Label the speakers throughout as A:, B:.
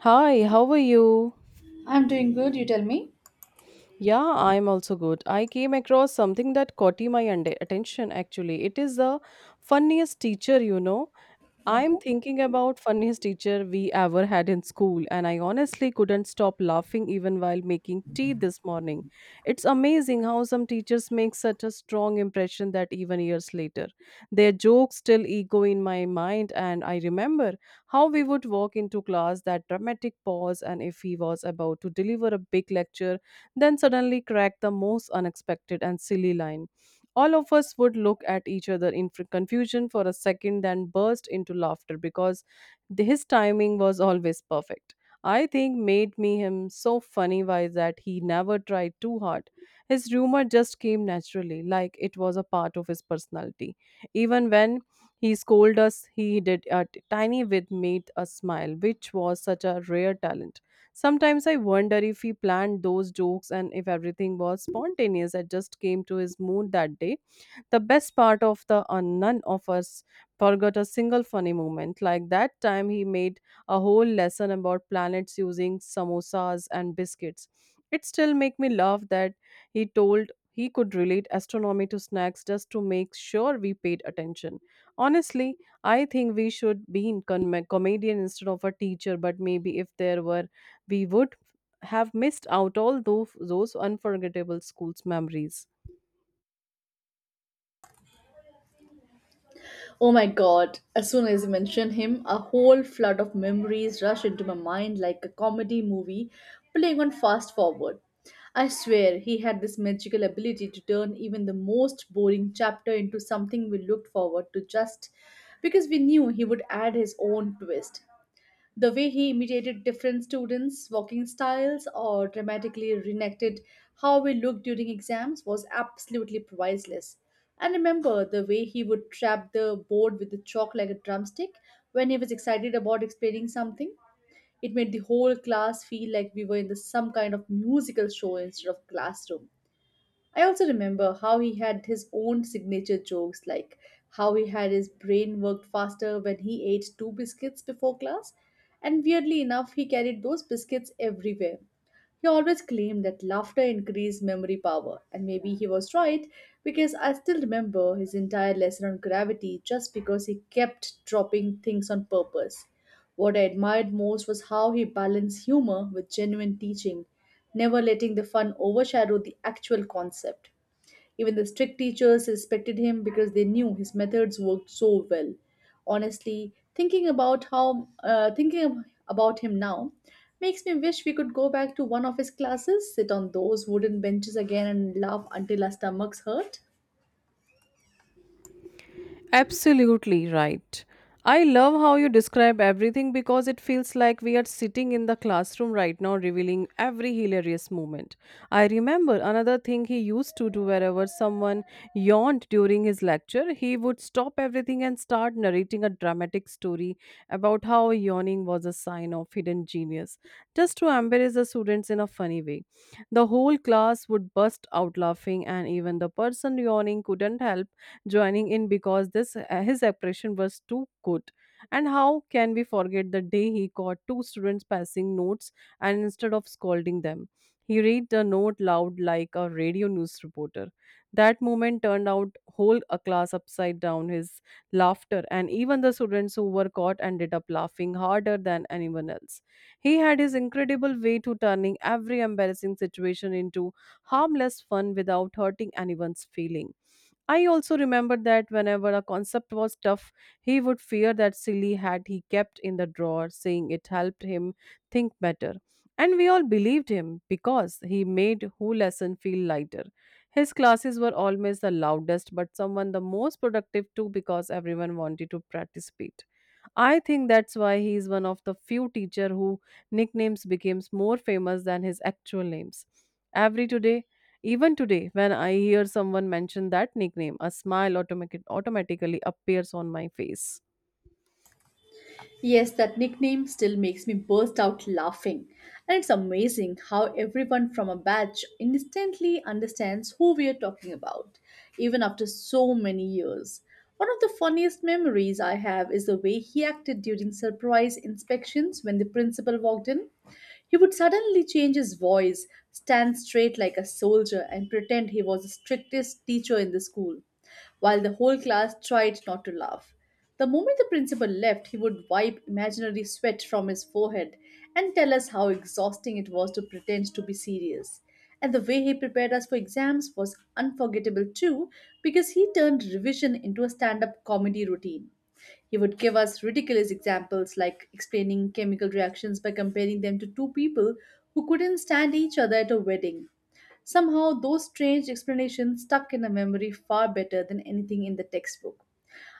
A: Hi, how are you?
B: I'm doing good, you tell me.
A: Yeah, I'm also good. I came across something that caught my attention actually. It is the funniest teacher, you know. I'm
B: Okay.
A: thinking about funniest teacher we ever had in school, and I honestly couldn't stop laughing even while making tea this morning. It's amazing how some teachers make such a strong impression that even years later their jokes still echo in my mind, and I remember how we would walk into class, that dramatic pause, and if he was about to deliver a big lecture, then suddenly crack the most unexpected and silly line, all of us would look at each other in confusion for a second, then burst into laughter because his timing was always perfect. I think made me him so funny was that he never tried too hard. His humor just came naturally, like it was a part of his personality. Even when he scolded us, he did a tiny bit made us smile, which was such a rare talent. Sometimes I wonder if he planned those jokes and if everything was spontaneous. I just came to his mood that day, the best part of the none of us forgot a single funny moment. Like that time he made a whole lesson about planets using samosas and biscuits. It still make me laugh that he told he could relate astronomy to snacks just to make sure we paid attention. Honestly, I think we should be in comedian instead of a teacher, but maybe if there were, we would have missed out all those unforgettable school's memories.
B: Oh my god, as soon as you mention him, a whole flood of memories rush into my mind like a comedy movie playing on fast forward. I swear he had this magical ability to turn even the most boring chapter into something we looked forward to just because we knew he would add his own twist. The way he imitated different students' walking styles or dramatically reenacted how we looked during exams was absolutely priceless. And remember the way he would trap the board with the chalk like a drumstick when he was excited about explaining something. It made the whole class feel like we were in some kind of musical show instead of classroom. I also remember how he had his own signature jokes, like how he had his brain worked faster when he ate two biscuits before class. And weirdly enough, he carried those biscuits everywhere. He always claimed that laughter increased memory power, and maybe he was right because I still remember his entire lesson on gravity just because he kept dropping things on purpose. What I admired most was how he balanced humor with genuine teaching, never letting the fun overshadow the actual concept. Even the strict teachers respected him because they knew his methods worked so well. Honestly, thinking about him now makes me wish we could go back to one of his classes, sit on those wooden benches again, and laugh until our stomachs hurt.
A: Absolutely right. I love how you describe everything because it feels like we are sitting in the classroom right now, revealing every hilarious moment. I remember another thing he used to do: wherever someone yawned during his lecture, he would stop everything and start narrating a dramatic story about how yawning was a sign of hidden genius, just to embarrass the students in a funny way. The whole class would burst out laughing, and even the person yawning couldn't help joining in because this his expression was too good. And how can we forget the day he caught two students passing notes and, instead of scolding them, he read the note loud like a radio news reporter. That moment turned out whole a class upside down, his laughter, and even the students who were caught ended up laughing harder than anyone else. He had his incredible way to turning every embarrassing situation into harmless fun without hurting anyone's feeling. I also remember that whenever a concept was tough, he would fear that silly hat he kept in the drawer, saying it helped him think better. And we all believed him because he made whole lesson feel lighter. His classes were always the loudest, but someone the most productive too because everyone wanted to participate. I think that's why he is one of the few teacher who nicknames becomes more famous than his actual names. Every today, Even today, when I hear someone mention that nickname, a smile automatically appears on my face.
B: Yes, that nickname still makes me burst out laughing. And it's amazing how everyone from a batch instantly understands who we are talking about, even after so many years. One of the funniest memories I have is the way he acted during surprise inspections when the principal walked in. He would suddenly change his voice, stand straight like a soldier, and pretend he was the strictest teacher in the school while the whole class tried not to laugh. The moment the principal left, he would wipe imaginary sweat from his forehead and tell us how exhausting it was to pretend to be serious. And the way he prepared us for exams was unforgettable too, because he turned revision into a stand up comedy routine. He would give us ridiculous examples like explaining chemical reactions by comparing them to two people who couldn't stand each other at a wedding. Somehow, those strange explanations stuck in the memory far better than anything in the textbook.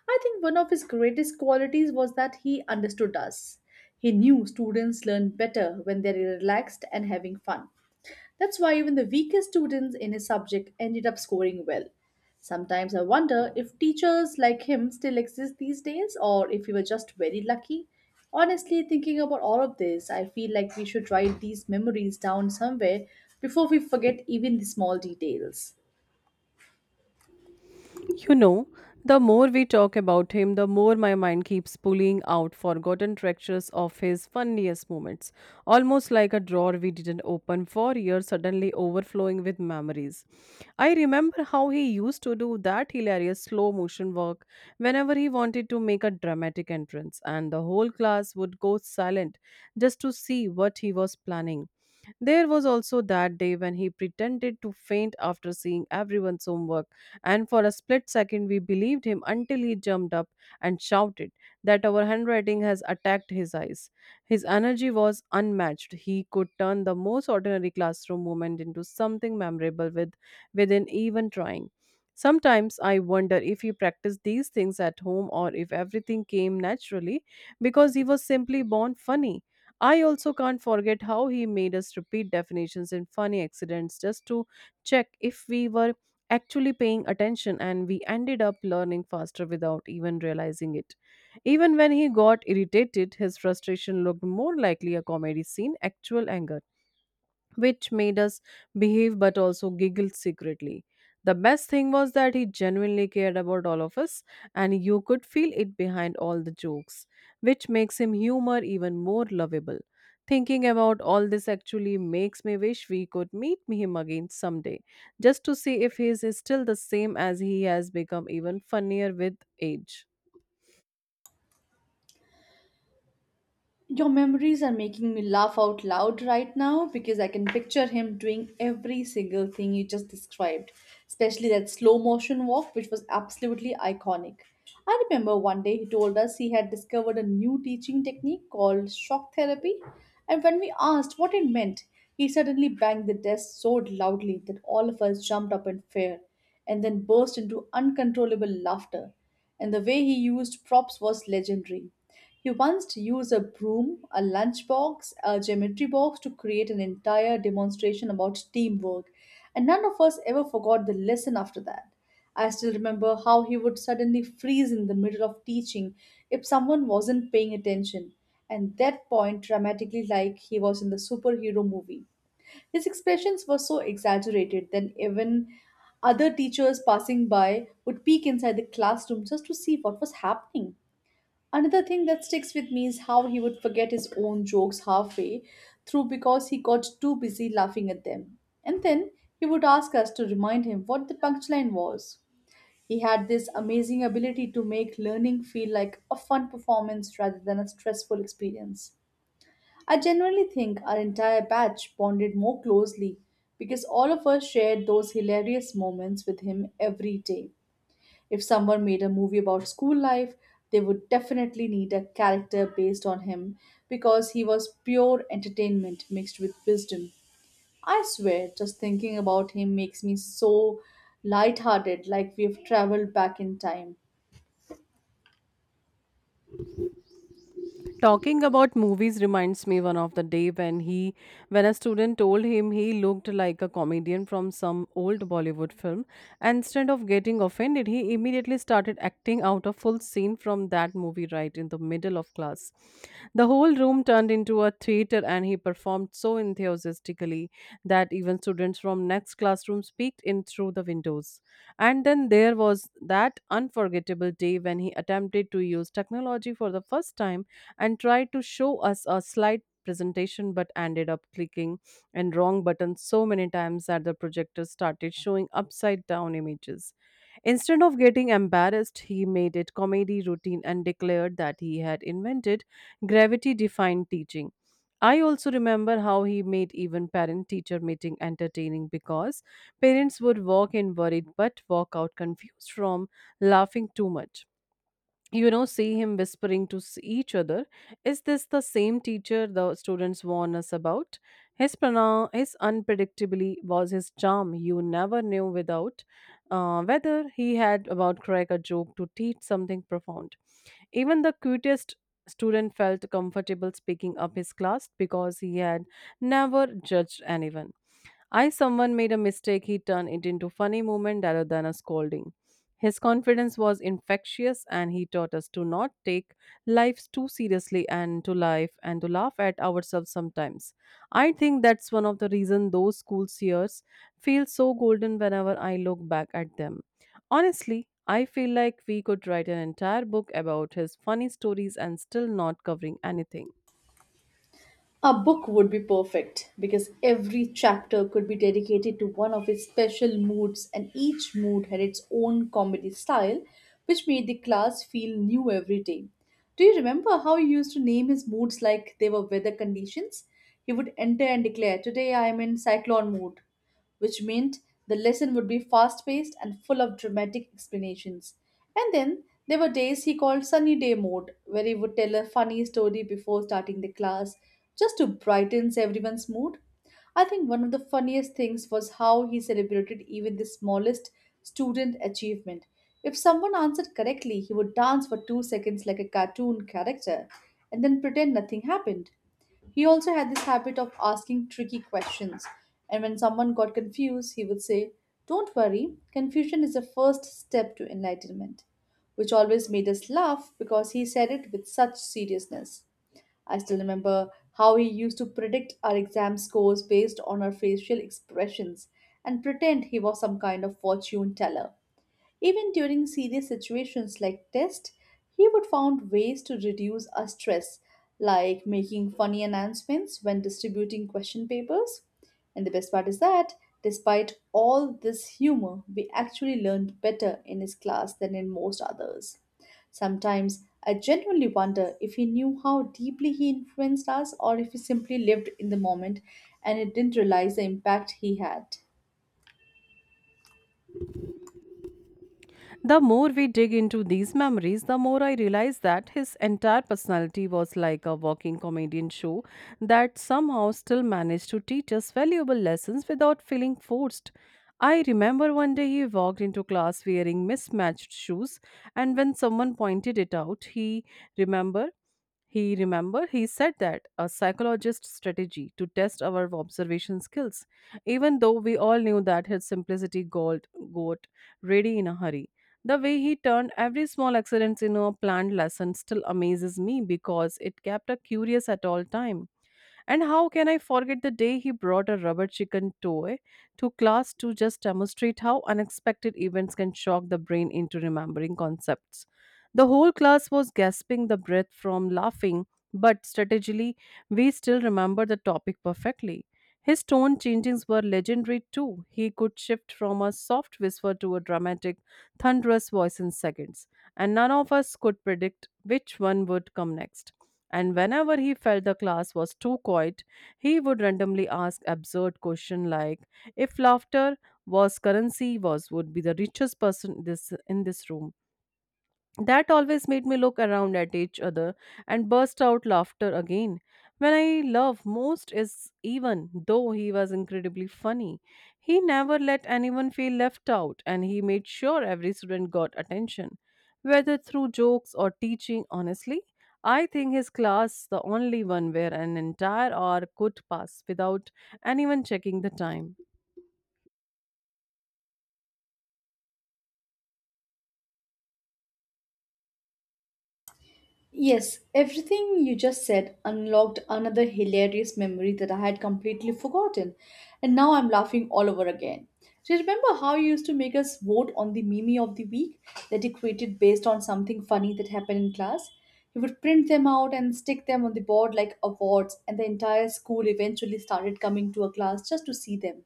B: I think one of his greatest qualities was that he understood us. He knew students learn better when they're relaxed and having fun. That's why even the weakest students in his subject ended up scoring well. Sometimes I wonder if teachers like him still exist these days or if we were just very lucky. Honestly, thinking about all of this, I feel like we should write these memories down somewhere before we forget even the small details.
A: You know, the more we talk about him, the more my mind keeps pulling out forgotten treasures of his funniest moments, almost like a drawer we didn't open for years suddenly overflowing with memories. I remember how he used to do that hilarious slow motion work whenever he wanted to make a dramatic entrance, and the whole class would go silent just to see what he was planning. There was also that day when he pretended to faint after seeing everyone's homework, and for a split second we believed him until he jumped up and shouted that our handwriting has attacked his eyes. His energy was unmatched. He could turn the most ordinary classroom moment into something memorable with within even trying. Sometimes I wonder if he practiced these things at home or if everything came naturally because he was simply born funny. I also can't forget how he made us repeat definitions in funny accidents just to check if we were actually paying attention, and we ended up learning faster without even realizing it. Even when he got irritated, his frustration looked more likely a comedy scene, actual anger, which made us behave but also giggle secretly. The best thing was that he genuinely cared about all of us, and you could feel it behind all the jokes, which makes him humor even more lovable. Thinking about all this actually makes me wish we could meet him again someday, just to see if he is still the same as he has become even funnier with age.
B: Your memories are making me laugh out loud right now because I can picture him doing every single thing you just described, especially that slow motion walk, which was absolutely iconic. I remember one day he told us he had discovered a new teaching technique called shock therapy, and when we asked what it meant, he suddenly banged the desk so loudly that all of us jumped up in fear and then burst into uncontrollable laughter, and the way he used props was legendary. He once used a broom, a lunchbox, a geometry box to create an entire demonstration about teamwork, and none of us ever forgot the lesson after that. I still remember how he would suddenly freeze in the middle of teaching if someone wasn't paying attention, and that point dramatically like he was in the superhero movie. His expressions were so exaggerated that even other teachers passing by would peek inside the classroom just to see what was happening. Another thing that sticks with me is how he would forget his own jokes halfway through because he got too busy laughing at them. And then he would ask us to remind him what the punchline was. He had this amazing ability to make learning feel like a fun performance rather than a stressful experience. I genuinely think our entire batch bonded more closely because all of us shared those hilarious moments with him every day. If someone made a movie about school life, they would definitely need a character based on him because he was pure entertainment mixed with wisdom. I swear, just thinking about him makes me so lighthearted, like we've traveled back in time.
A: Talking about movies reminds me one of the day when he when a student told him he looked like a comedian from some old Bollywood film, and instead of getting offended, he immediately started acting out a full scene from that movie right in the middle of class. The whole room turned into a theater, and he performed so enthusiastically that even students from next classroom peeked in through the windows. And then there was that unforgettable day when he attempted to use technology for the first time and tried to show us a slide presentation, but ended up clicking and wrong button so many times that the projector started showing upside down images. Instead of getting embarrassed, he made it comedy routine and declared that he had invented gravity defined teaching. I also remember how he made even parent teacher meeting entertaining because parents would walk in worried but walk out confused from laughing too much. You know, see him whispering to each other, is this the same teacher the students warn us about, his prana, his unpredictably was his charm. You never knew without whether he had about crack a joke to teach something profound. Even the cutest student felt comfortable speaking up his class because he had never judged anyone. I someone made a mistake, he turned it into funny moment rather than a scolding. His confidence was infectious, and he taught us to not take life too seriously and to life and to laugh at ourselves sometimes. I think that's one of the reason those school years feel so golden whenever I look back at them. Honestly, I feel like we could write an entire book about his funny stories and still not covering anything.
B: A book would be perfect because every chapter could be dedicated to one of his special moods, and each mood had its own comedy style, which made the class feel new every day. Do you remember how he used to name his moods like they were weather conditions? He would enter and declare, "Today I am in cyclone mood," which meant the lesson would be fast paced and full of dramatic explanations. And then there were days he called sunny day mode, where he would tell a funny story before starting the class just to brighten everyone's mood. I think one of the funniest things was how he celebrated even the smallest student achievement. If someone answered correctly, he would dance for 2 seconds like a cartoon character and then pretend nothing happened. He also had this habit of asking tricky questions, and when someone got confused, he would say, "Don't worry, confusion is the first step to enlightenment," which always made us laugh because he said it with such seriousness. I still remember how he used to predict our exam scores based on our facial expressions and pretend he was some kind of fortune teller. Even during serious situations like tests, he would find ways to reduce our stress, like making funny announcements when distributing question papers. And the best part is that, despite all this humor, we actually learned better in his class than in most others. Sometimes I genuinely wonder if he knew how deeply he influenced us or if he simply lived in the moment and it didn't realize the impact he had.
A: The more we dig into these memories, the more I realize that his entire personality was like a walking comedian show that somehow still managed to teach us valuable lessons without feeling forced. I remember one day he walked into class wearing mismatched shoes, and when someone pointed it out, he remembered he remember he said that a psychologist strategy to test our observation skills, even though we all knew that his simplicity got ready in a hurry. The way he turned every small accident into a planned lesson still amazes me because it kept us curious at all time. And how can I forget the day he brought a rubber chicken toy to class to just demonstrate how unexpected events can shock the brain into remembering concepts? The whole class was gasping the breath from laughing, but strategically, we still remember the topic perfectly. His tone changings were legendary too. He could shift from a soft whisper to a dramatic, thunderous voice in seconds, and none of us could predict which one would come next. And whenever he felt the class was too quiet, he would randomly ask absurd questions like if laughter was currency was would be the richest person this in this room. That always made me look around at each other and burst out laughter again. When I love most is even though he was incredibly funny. He never let anyone feel left out, and he made sure every student got attention, whether through jokes or teaching honestly. I think his class the only one where an entire hour could pass without anyone checking the time.
B: Yes, everything you just said unlocked another hilarious memory that I had completely forgotten, and now I'm laughing all over again. Do you remember how you used to make us vote on the meme of the week that you created based on something funny that happened in class? You would print them out and stick them on the board like awards, and the entire school eventually started coming to a class just to see them.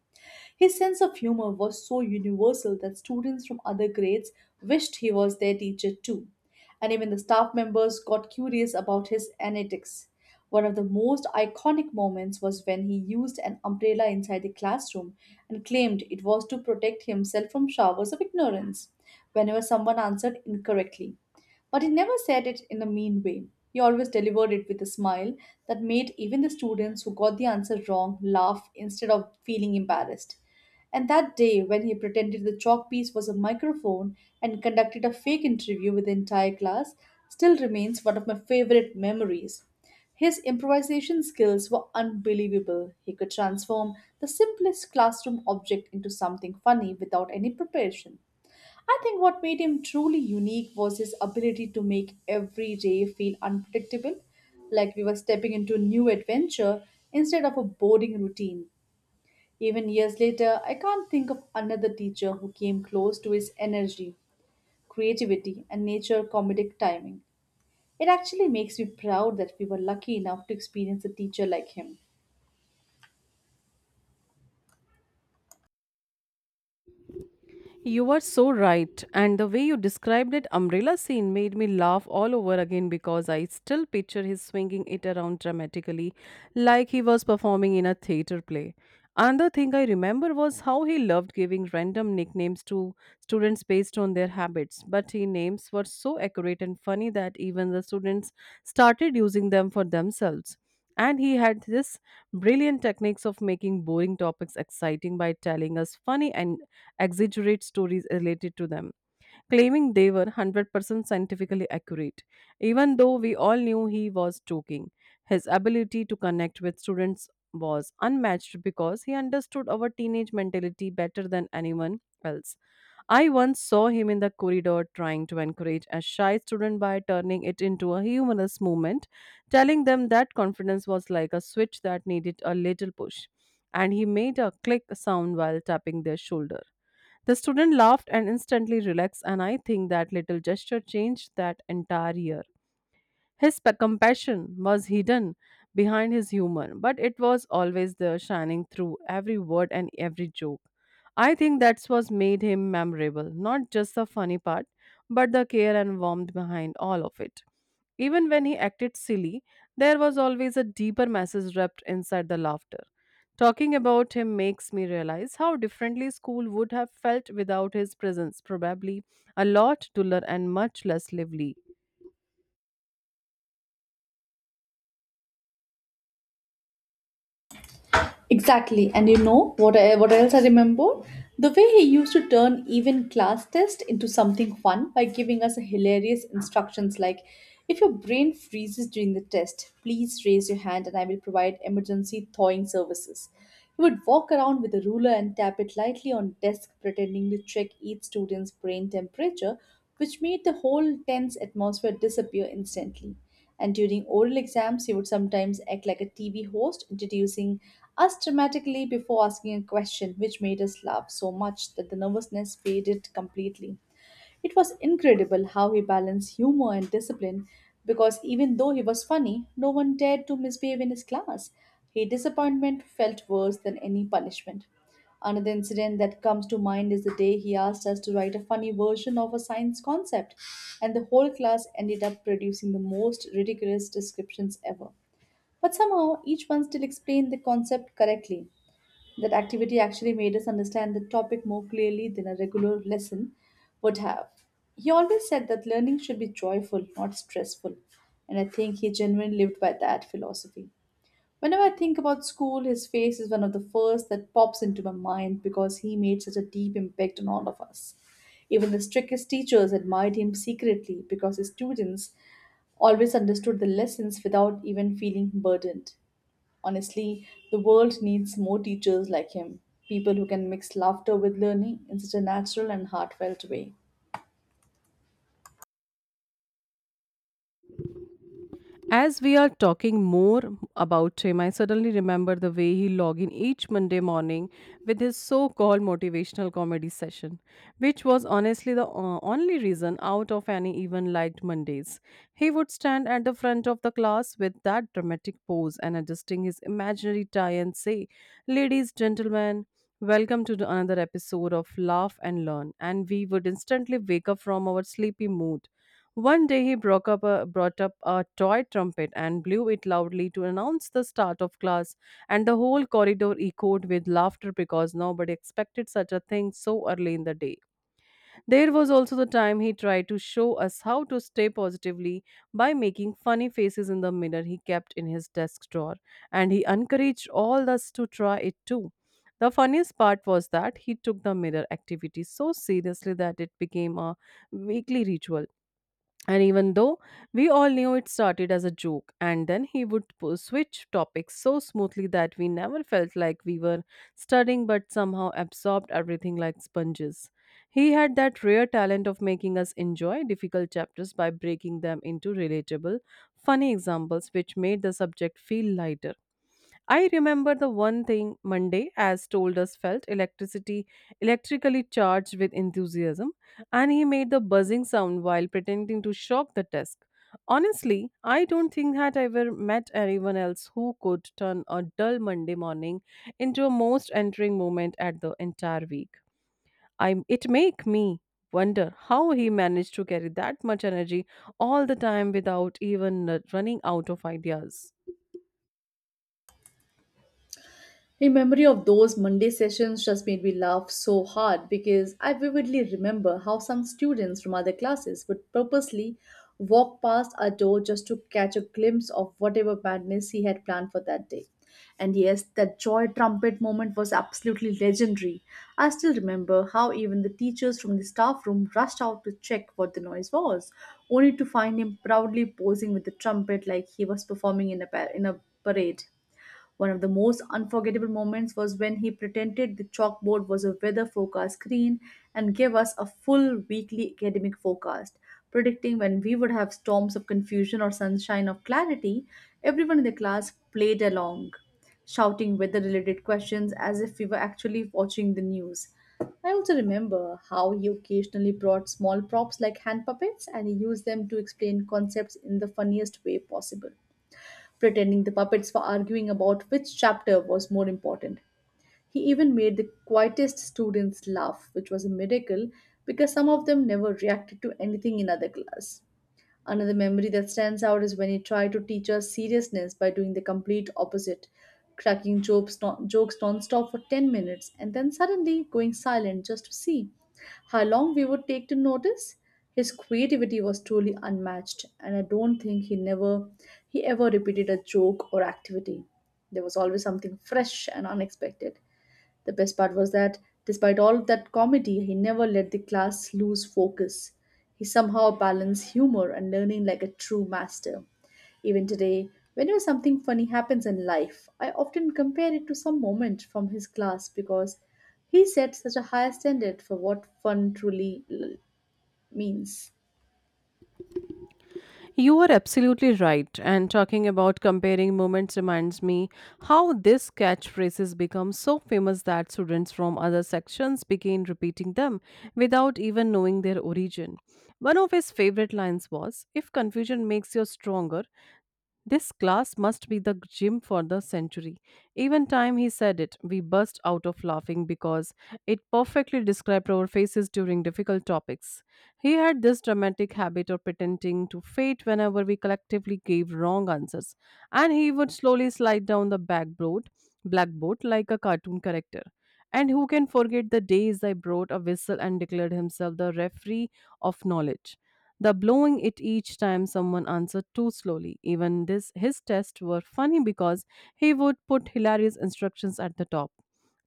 B: His sense of humor was so universal that students from other grades wished he was their teacher too, and even the staff members got curious about his antics. One of the most iconic moments was when he used an umbrella inside the classroom and claimed it was to protect himself from showers of ignorance whenever someone answered incorrectly. But he never said it in a mean way. He always delivered it with a smile that made even the students who got the answer wrong laugh instead of feeling embarrassed. And that day, when he pretended the chalk piece was a microphone and conducted a fake interview with the entire class, still remains one of my favorite memories. His improvisation skills were unbelievable. He could transform the simplest classroom object into something funny without any preparation. I think what made him truly unique was his ability to make every day feel unpredictable, like we were stepping into a new adventure instead of a boring routine. Even years later, I can't think of another teacher who came close to his energy, creativity, and nature comedic timing. It actually makes me proud that we were lucky enough to experience a teacher like him.
A: You are so right. And the way you described that umbrella scene made me laugh all over again because I still picture his swinging it around dramatically like he was performing in a theater play. Another thing I remember was how he loved giving random nicknames to students based on their habits, but his names were so accurate and funny that even the students started using them for themselves. And he had this brilliant techniques of making boring topics exciting by telling us funny and exaggerate stories related to them, claiming they were 100% scientifically accurate, even though we all knew he was joking. His ability to connect with students was unmatched because he understood our teenage mentality better than anyone else. I once saw him in the corridor trying to encourage a shy student by turning it into a humorous movement, telling them that confidence was like a switch that needed a little push. And he made a click sound while tapping their shoulder. The student laughed and instantly relaxed, and I think that little gesture changed that entire year. His compassion was hidden behind his humor, but it was always there, shining through every word and every joke. I think that's what made him memorable, not just the funny part, but the care and warmth behind all of it. Even when he acted silly, there was always a deeper message wrapped inside the laughter. Talking about him makes me realize how differently school would have felt without his presence, probably a lot duller and much less lively.
B: Exactly. And you know what what else I remember? The way he used to turn even class test into something fun by giving us hilarious instructions like, "If your brain freezes during the test, please raise your hand and I will provide emergency thawing services." He would walk around with a ruler and tap it lightly on desk pretending to check each student's brain temperature, which made the whole tense atmosphere disappear instantly. And during oral exams, he would sometimes act like a TV host, introducing us dramatically before asking a question, which made us laugh so much that the nervousness faded completely. It was incredible how he balanced humor and discipline because even though he was funny, no one dared to misbehave in his class. His disappointment felt worse than any punishment. Another incident that comes to mind is the day he asked us to write a funny version of a science concept, and the whole class ended up producing the most ridiculous descriptions ever. But somehow, each one still explained the concept correctly. That activity actually made us understand the topic more clearly than a regular lesson would have. He always said that learning should be joyful, not stressful, and I think he genuinely lived by that philosophy. Whenever I think about school, his face is one of the first that pops into my mind because he made such a deep impact on all of us. Even the strictest teachers admired him secretly because his students always understood the lessons without even feeling burdened. Honestly, the world needs more teachers like him, people who can mix laughter with learning in such a natural and heartfelt way.
A: As we are talking more about him, I suddenly remember the way he log in each Monday morning with his so-called motivational comedy session, which was honestly the only reason out of any even liked Mondays. He would stand at the front of the class with that dramatic pose and adjusting his imaginary tie and say, "Ladies, gentlemen, welcome to another episode of Laugh and Learn." And we would instantly wake up from our sleepy mood. One day he brought up a toy trumpet and blew it loudly to announce the start of class, and the whole corridor echoed with laughter because nobody expected such a thing so early in the day. There was also the time he tried to show us how to stay positively by making funny faces in the mirror he kept in his desk drawer, and he encouraged all us to try it too. The funniest part was that he took the mirror activity so seriously that it became a weekly ritual, and even though we all knew it started as a joke, and then he would switch topics so smoothly that we never felt like we were studying but somehow absorbed everything like sponges. He had that rare talent of making us enjoy difficult chapters by breaking them into relatable, funny examples, which made the subject feel lighter. I remember the one thing Monday, as told us, felt electricity electrically charged with enthusiasm, and he made the buzzing sound while pretending to shock the desk. Honestly, I don't think had I ever met anyone else who could turn a dull Monday morning into a most entering moment at the entire week. I it make me wonder how he managed to carry that much energy all the time without even running out of ideas.
B: In memory of those Monday sessions just made me laugh so hard because I vividly remember how some students from other classes would purposely walk past our door just to catch a glimpse of whatever madness he had planned for that day. And yes, that joy trumpet moment was absolutely legendary. I still remember how even the teachers from the staff room rushed out to check what the noise was, only to find him proudly posing with the trumpet like he was performing in a parade. One of the most unforgettable moments was when he pretended the chalkboard was a weather forecast screen and gave us a full weekly academic forecast, predicting when we would have storms of confusion or sunshine of clarity. Everyone in the class played along, shouting weather related questions as if we were actually watching the news. I also remember how he occasionally brought small props like hand puppets, and he used them to explain concepts in the funniest way possible, pretending the puppets were arguing about which chapter was more important. He even made the quietest students laugh, which was a miracle, because some of them never reacted to anything in other class. Another memory that stands out is when he tried to teach us seriousness by doing the complete opposite, cracking jokes non-stop for 10 minutes and then suddenly going silent just to see how long we would take to notice. His creativity was truly unmatched, and I don't think he never he ever repeated a joke or activity. There was always something fresh and unexpected. The best part was that, despite all that comedy, he never let the class lose focus. He somehow balanced humor and learning like a true master. Even today, whenever something funny happens in life, I often compare it to some moment from his class, because he set such a high standard for what fun truly means.
A: You are absolutely right. And talking about comparing moments reminds me how this catchphrase has become so famous that students from other sections begin repeating them without even knowing their origin. One of his favorite lines was, if confusion makes you stronger, this class must be the gym for the century. Even time he said it, we burst out of laughing because it perfectly described our faces during difficult topics. He had this dramatic habit of pretending to fate whenever we collectively gave wrong answers, and he would slowly slide down the blackboard like a cartoon character. And who can forget the days I brought a whistle and declared himself the referee of knowledge? The blowing it each time someone answered too slowly. Even this, his tests were funny because he would put hilarious instructions at the top.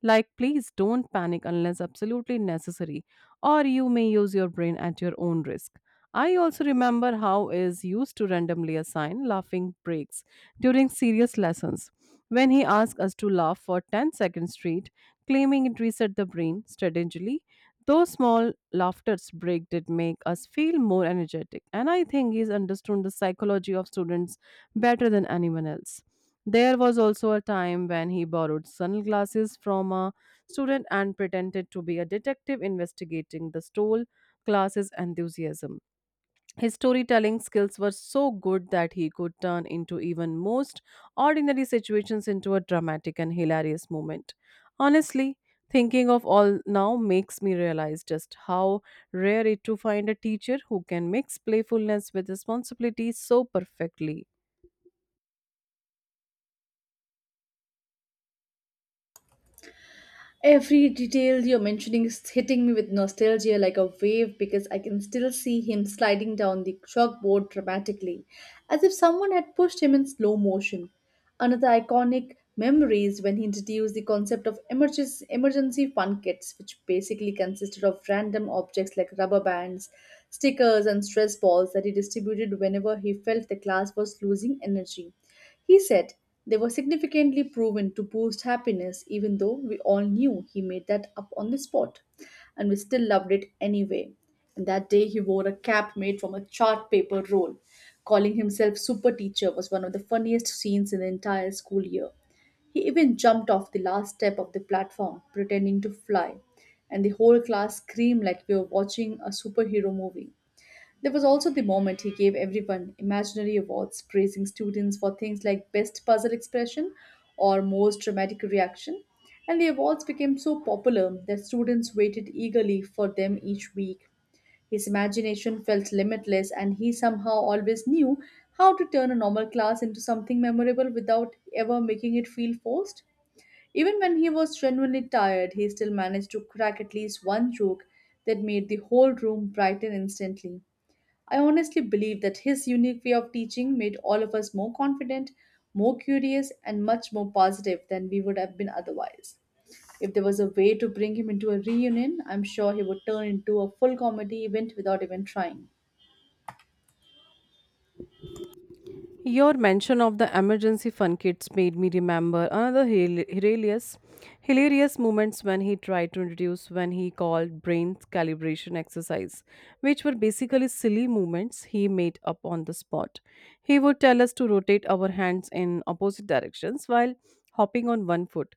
A: Like, please don't panic unless absolutely necessary, or you may use your brain at your own risk. I also remember how is used to randomly assign laughing breaks during serious lessons. When he asked us to laugh for 10 seconds straight, claiming it reset the brain strategically, those small laughter's break did make us feel more energetic, and I think he's understood the psychology of students better than anyone else. There was also a time when he borrowed sunglasses from a student and pretended to be a detective investigating the stole class's enthusiasm. His storytelling skills were so good that he could turn into even most ordinary situations into a dramatic and hilarious moment. Honestly, thinking of all now makes me realize just how rare it to find a teacher who can mix playfulness with responsibility so perfectly.
B: Every detail you're mentioning is hitting me with nostalgia like a wave, because I can still see him sliding down the chalkboard dramatically, as if someone had pushed him in slow motion. Another iconic memory is when he introduced the concept of emergency fun kits, which basically consisted of random objects like rubber bands, stickers, and stress balls that he distributed whenever he felt the class was losing energy. He said they were significantly proven to boost happiness, even though we all knew he made that up on the spot. And we still loved it anyway. And that day he wore a cap made from a chart paper roll. Calling himself super teacher was one of the funniest scenes in the entire school year. He even jumped off the last step of the platform, pretending to fly, and the whole class screamed like we were watching a superhero movie. There was also the moment he gave everyone imaginary awards, praising students for things like best puzzle expression or most dramatic reaction. And the awards became so popular that students waited eagerly for them each week. His imagination felt limitless, and he somehow always knew how to turn a normal class into something memorable without ever making it feel forced. Even when he was genuinely tired, he still managed to crack at least one joke that made the whole room brighten instantly. I honestly believe that his unique way of teaching made all of us more confident, more curious, and much more positive than we would have been otherwise. If there was a way to bring him into a reunion, I'm sure he would turn into a full comedy event without even trying.
A: Your mention of the emergency fund kits made me remember another hilarious moments when he tried to introduce when he called brain calibration exercise, which were basically silly movements he made up on the spot. He would tell us to rotate our hands in opposite directions while hopping on one foot,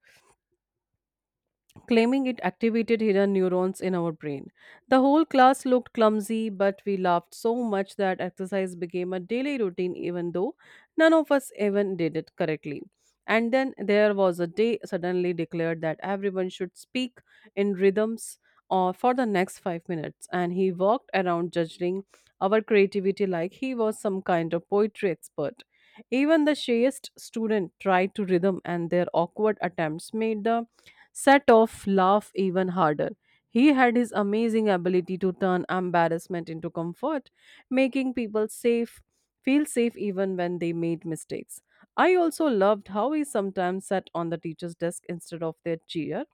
A: claiming it activated hidden neurons in our brain. The whole class looked clumsy, but we laughed so much that exercise became a daily routine, even though none of us even did it correctly. And then there was a day suddenly declared that everyone should speak in rhythms or for the next 5 minutes, and he walked around judging our creativity like he was some kind of poetry expert. Even the shyest student tried to rhythm, and their awkward attempts made the set off laugh even harder. He had his amazing ability to turn embarrassment into comfort, making people safe feel safe even when they made mistakes. I also loved how he sometimes sat on the teacher's desk instead of their chair,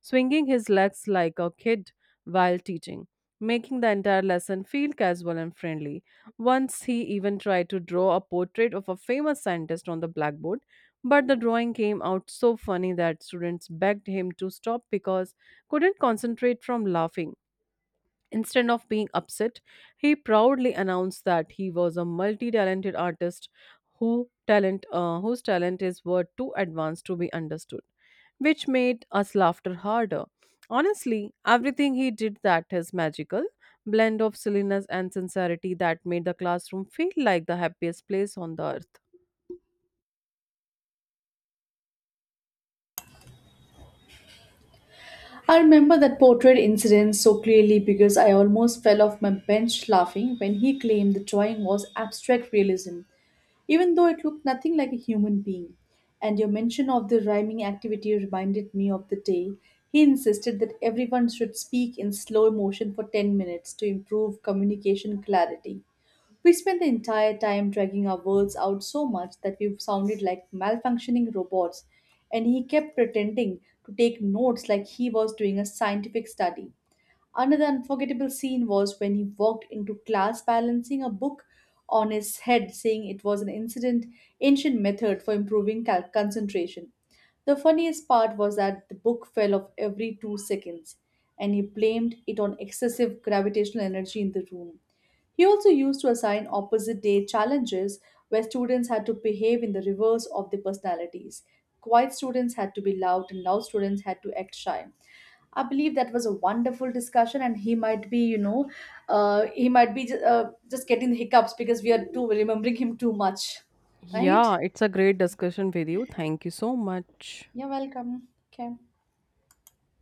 A: swinging his legs like a kid while teaching, making the entire lesson feel casual and friendly. Once he even tried to draw a portrait of a famous scientist on the blackboard, but the drawing came out so funny that students begged him to stop because couldn't concentrate from laughing. Instead of being upset, he proudly announced that he was a multi-talented artist whose talent is were too advanced to be understood, which made us laughter harder. Honestly, everything he did that is magical blend of silliness and sincerity that made the classroom feel like the happiest place on the earth.
B: I remember that portrait incident so clearly because I almost fell off my bench laughing when he claimed the drawing was abstract realism, even though it looked nothing like a human being. And your mention of the rhyming activity reminded me of the day he insisted that everyone should speak in slow motion for 10 minutes to improve communication clarity. We spent the entire time dragging our words out so much that we sounded like malfunctioning robots, and he kept pretending to take notes like he was doing a scientific study. Another unforgettable scene was when he walked into class balancing a book on his head, saying it was an incident ancient method for improving concentration. The funniest part was that the book fell off every 2 seconds, and he blamed it on excessive gravitational energy in the room. He also used to assign opposite day challenges where students had to behave in the reverse of their personalities. Quiet students had to be loud, and loud students had to act shy. I believe that was a wonderful discussion, and he might be, you know, he might be ju- just getting the hiccups because we are too remembering him too much, right?
A: Yeah, it's a great discussion with you. Thank you so much.
B: You're welcome. Okay.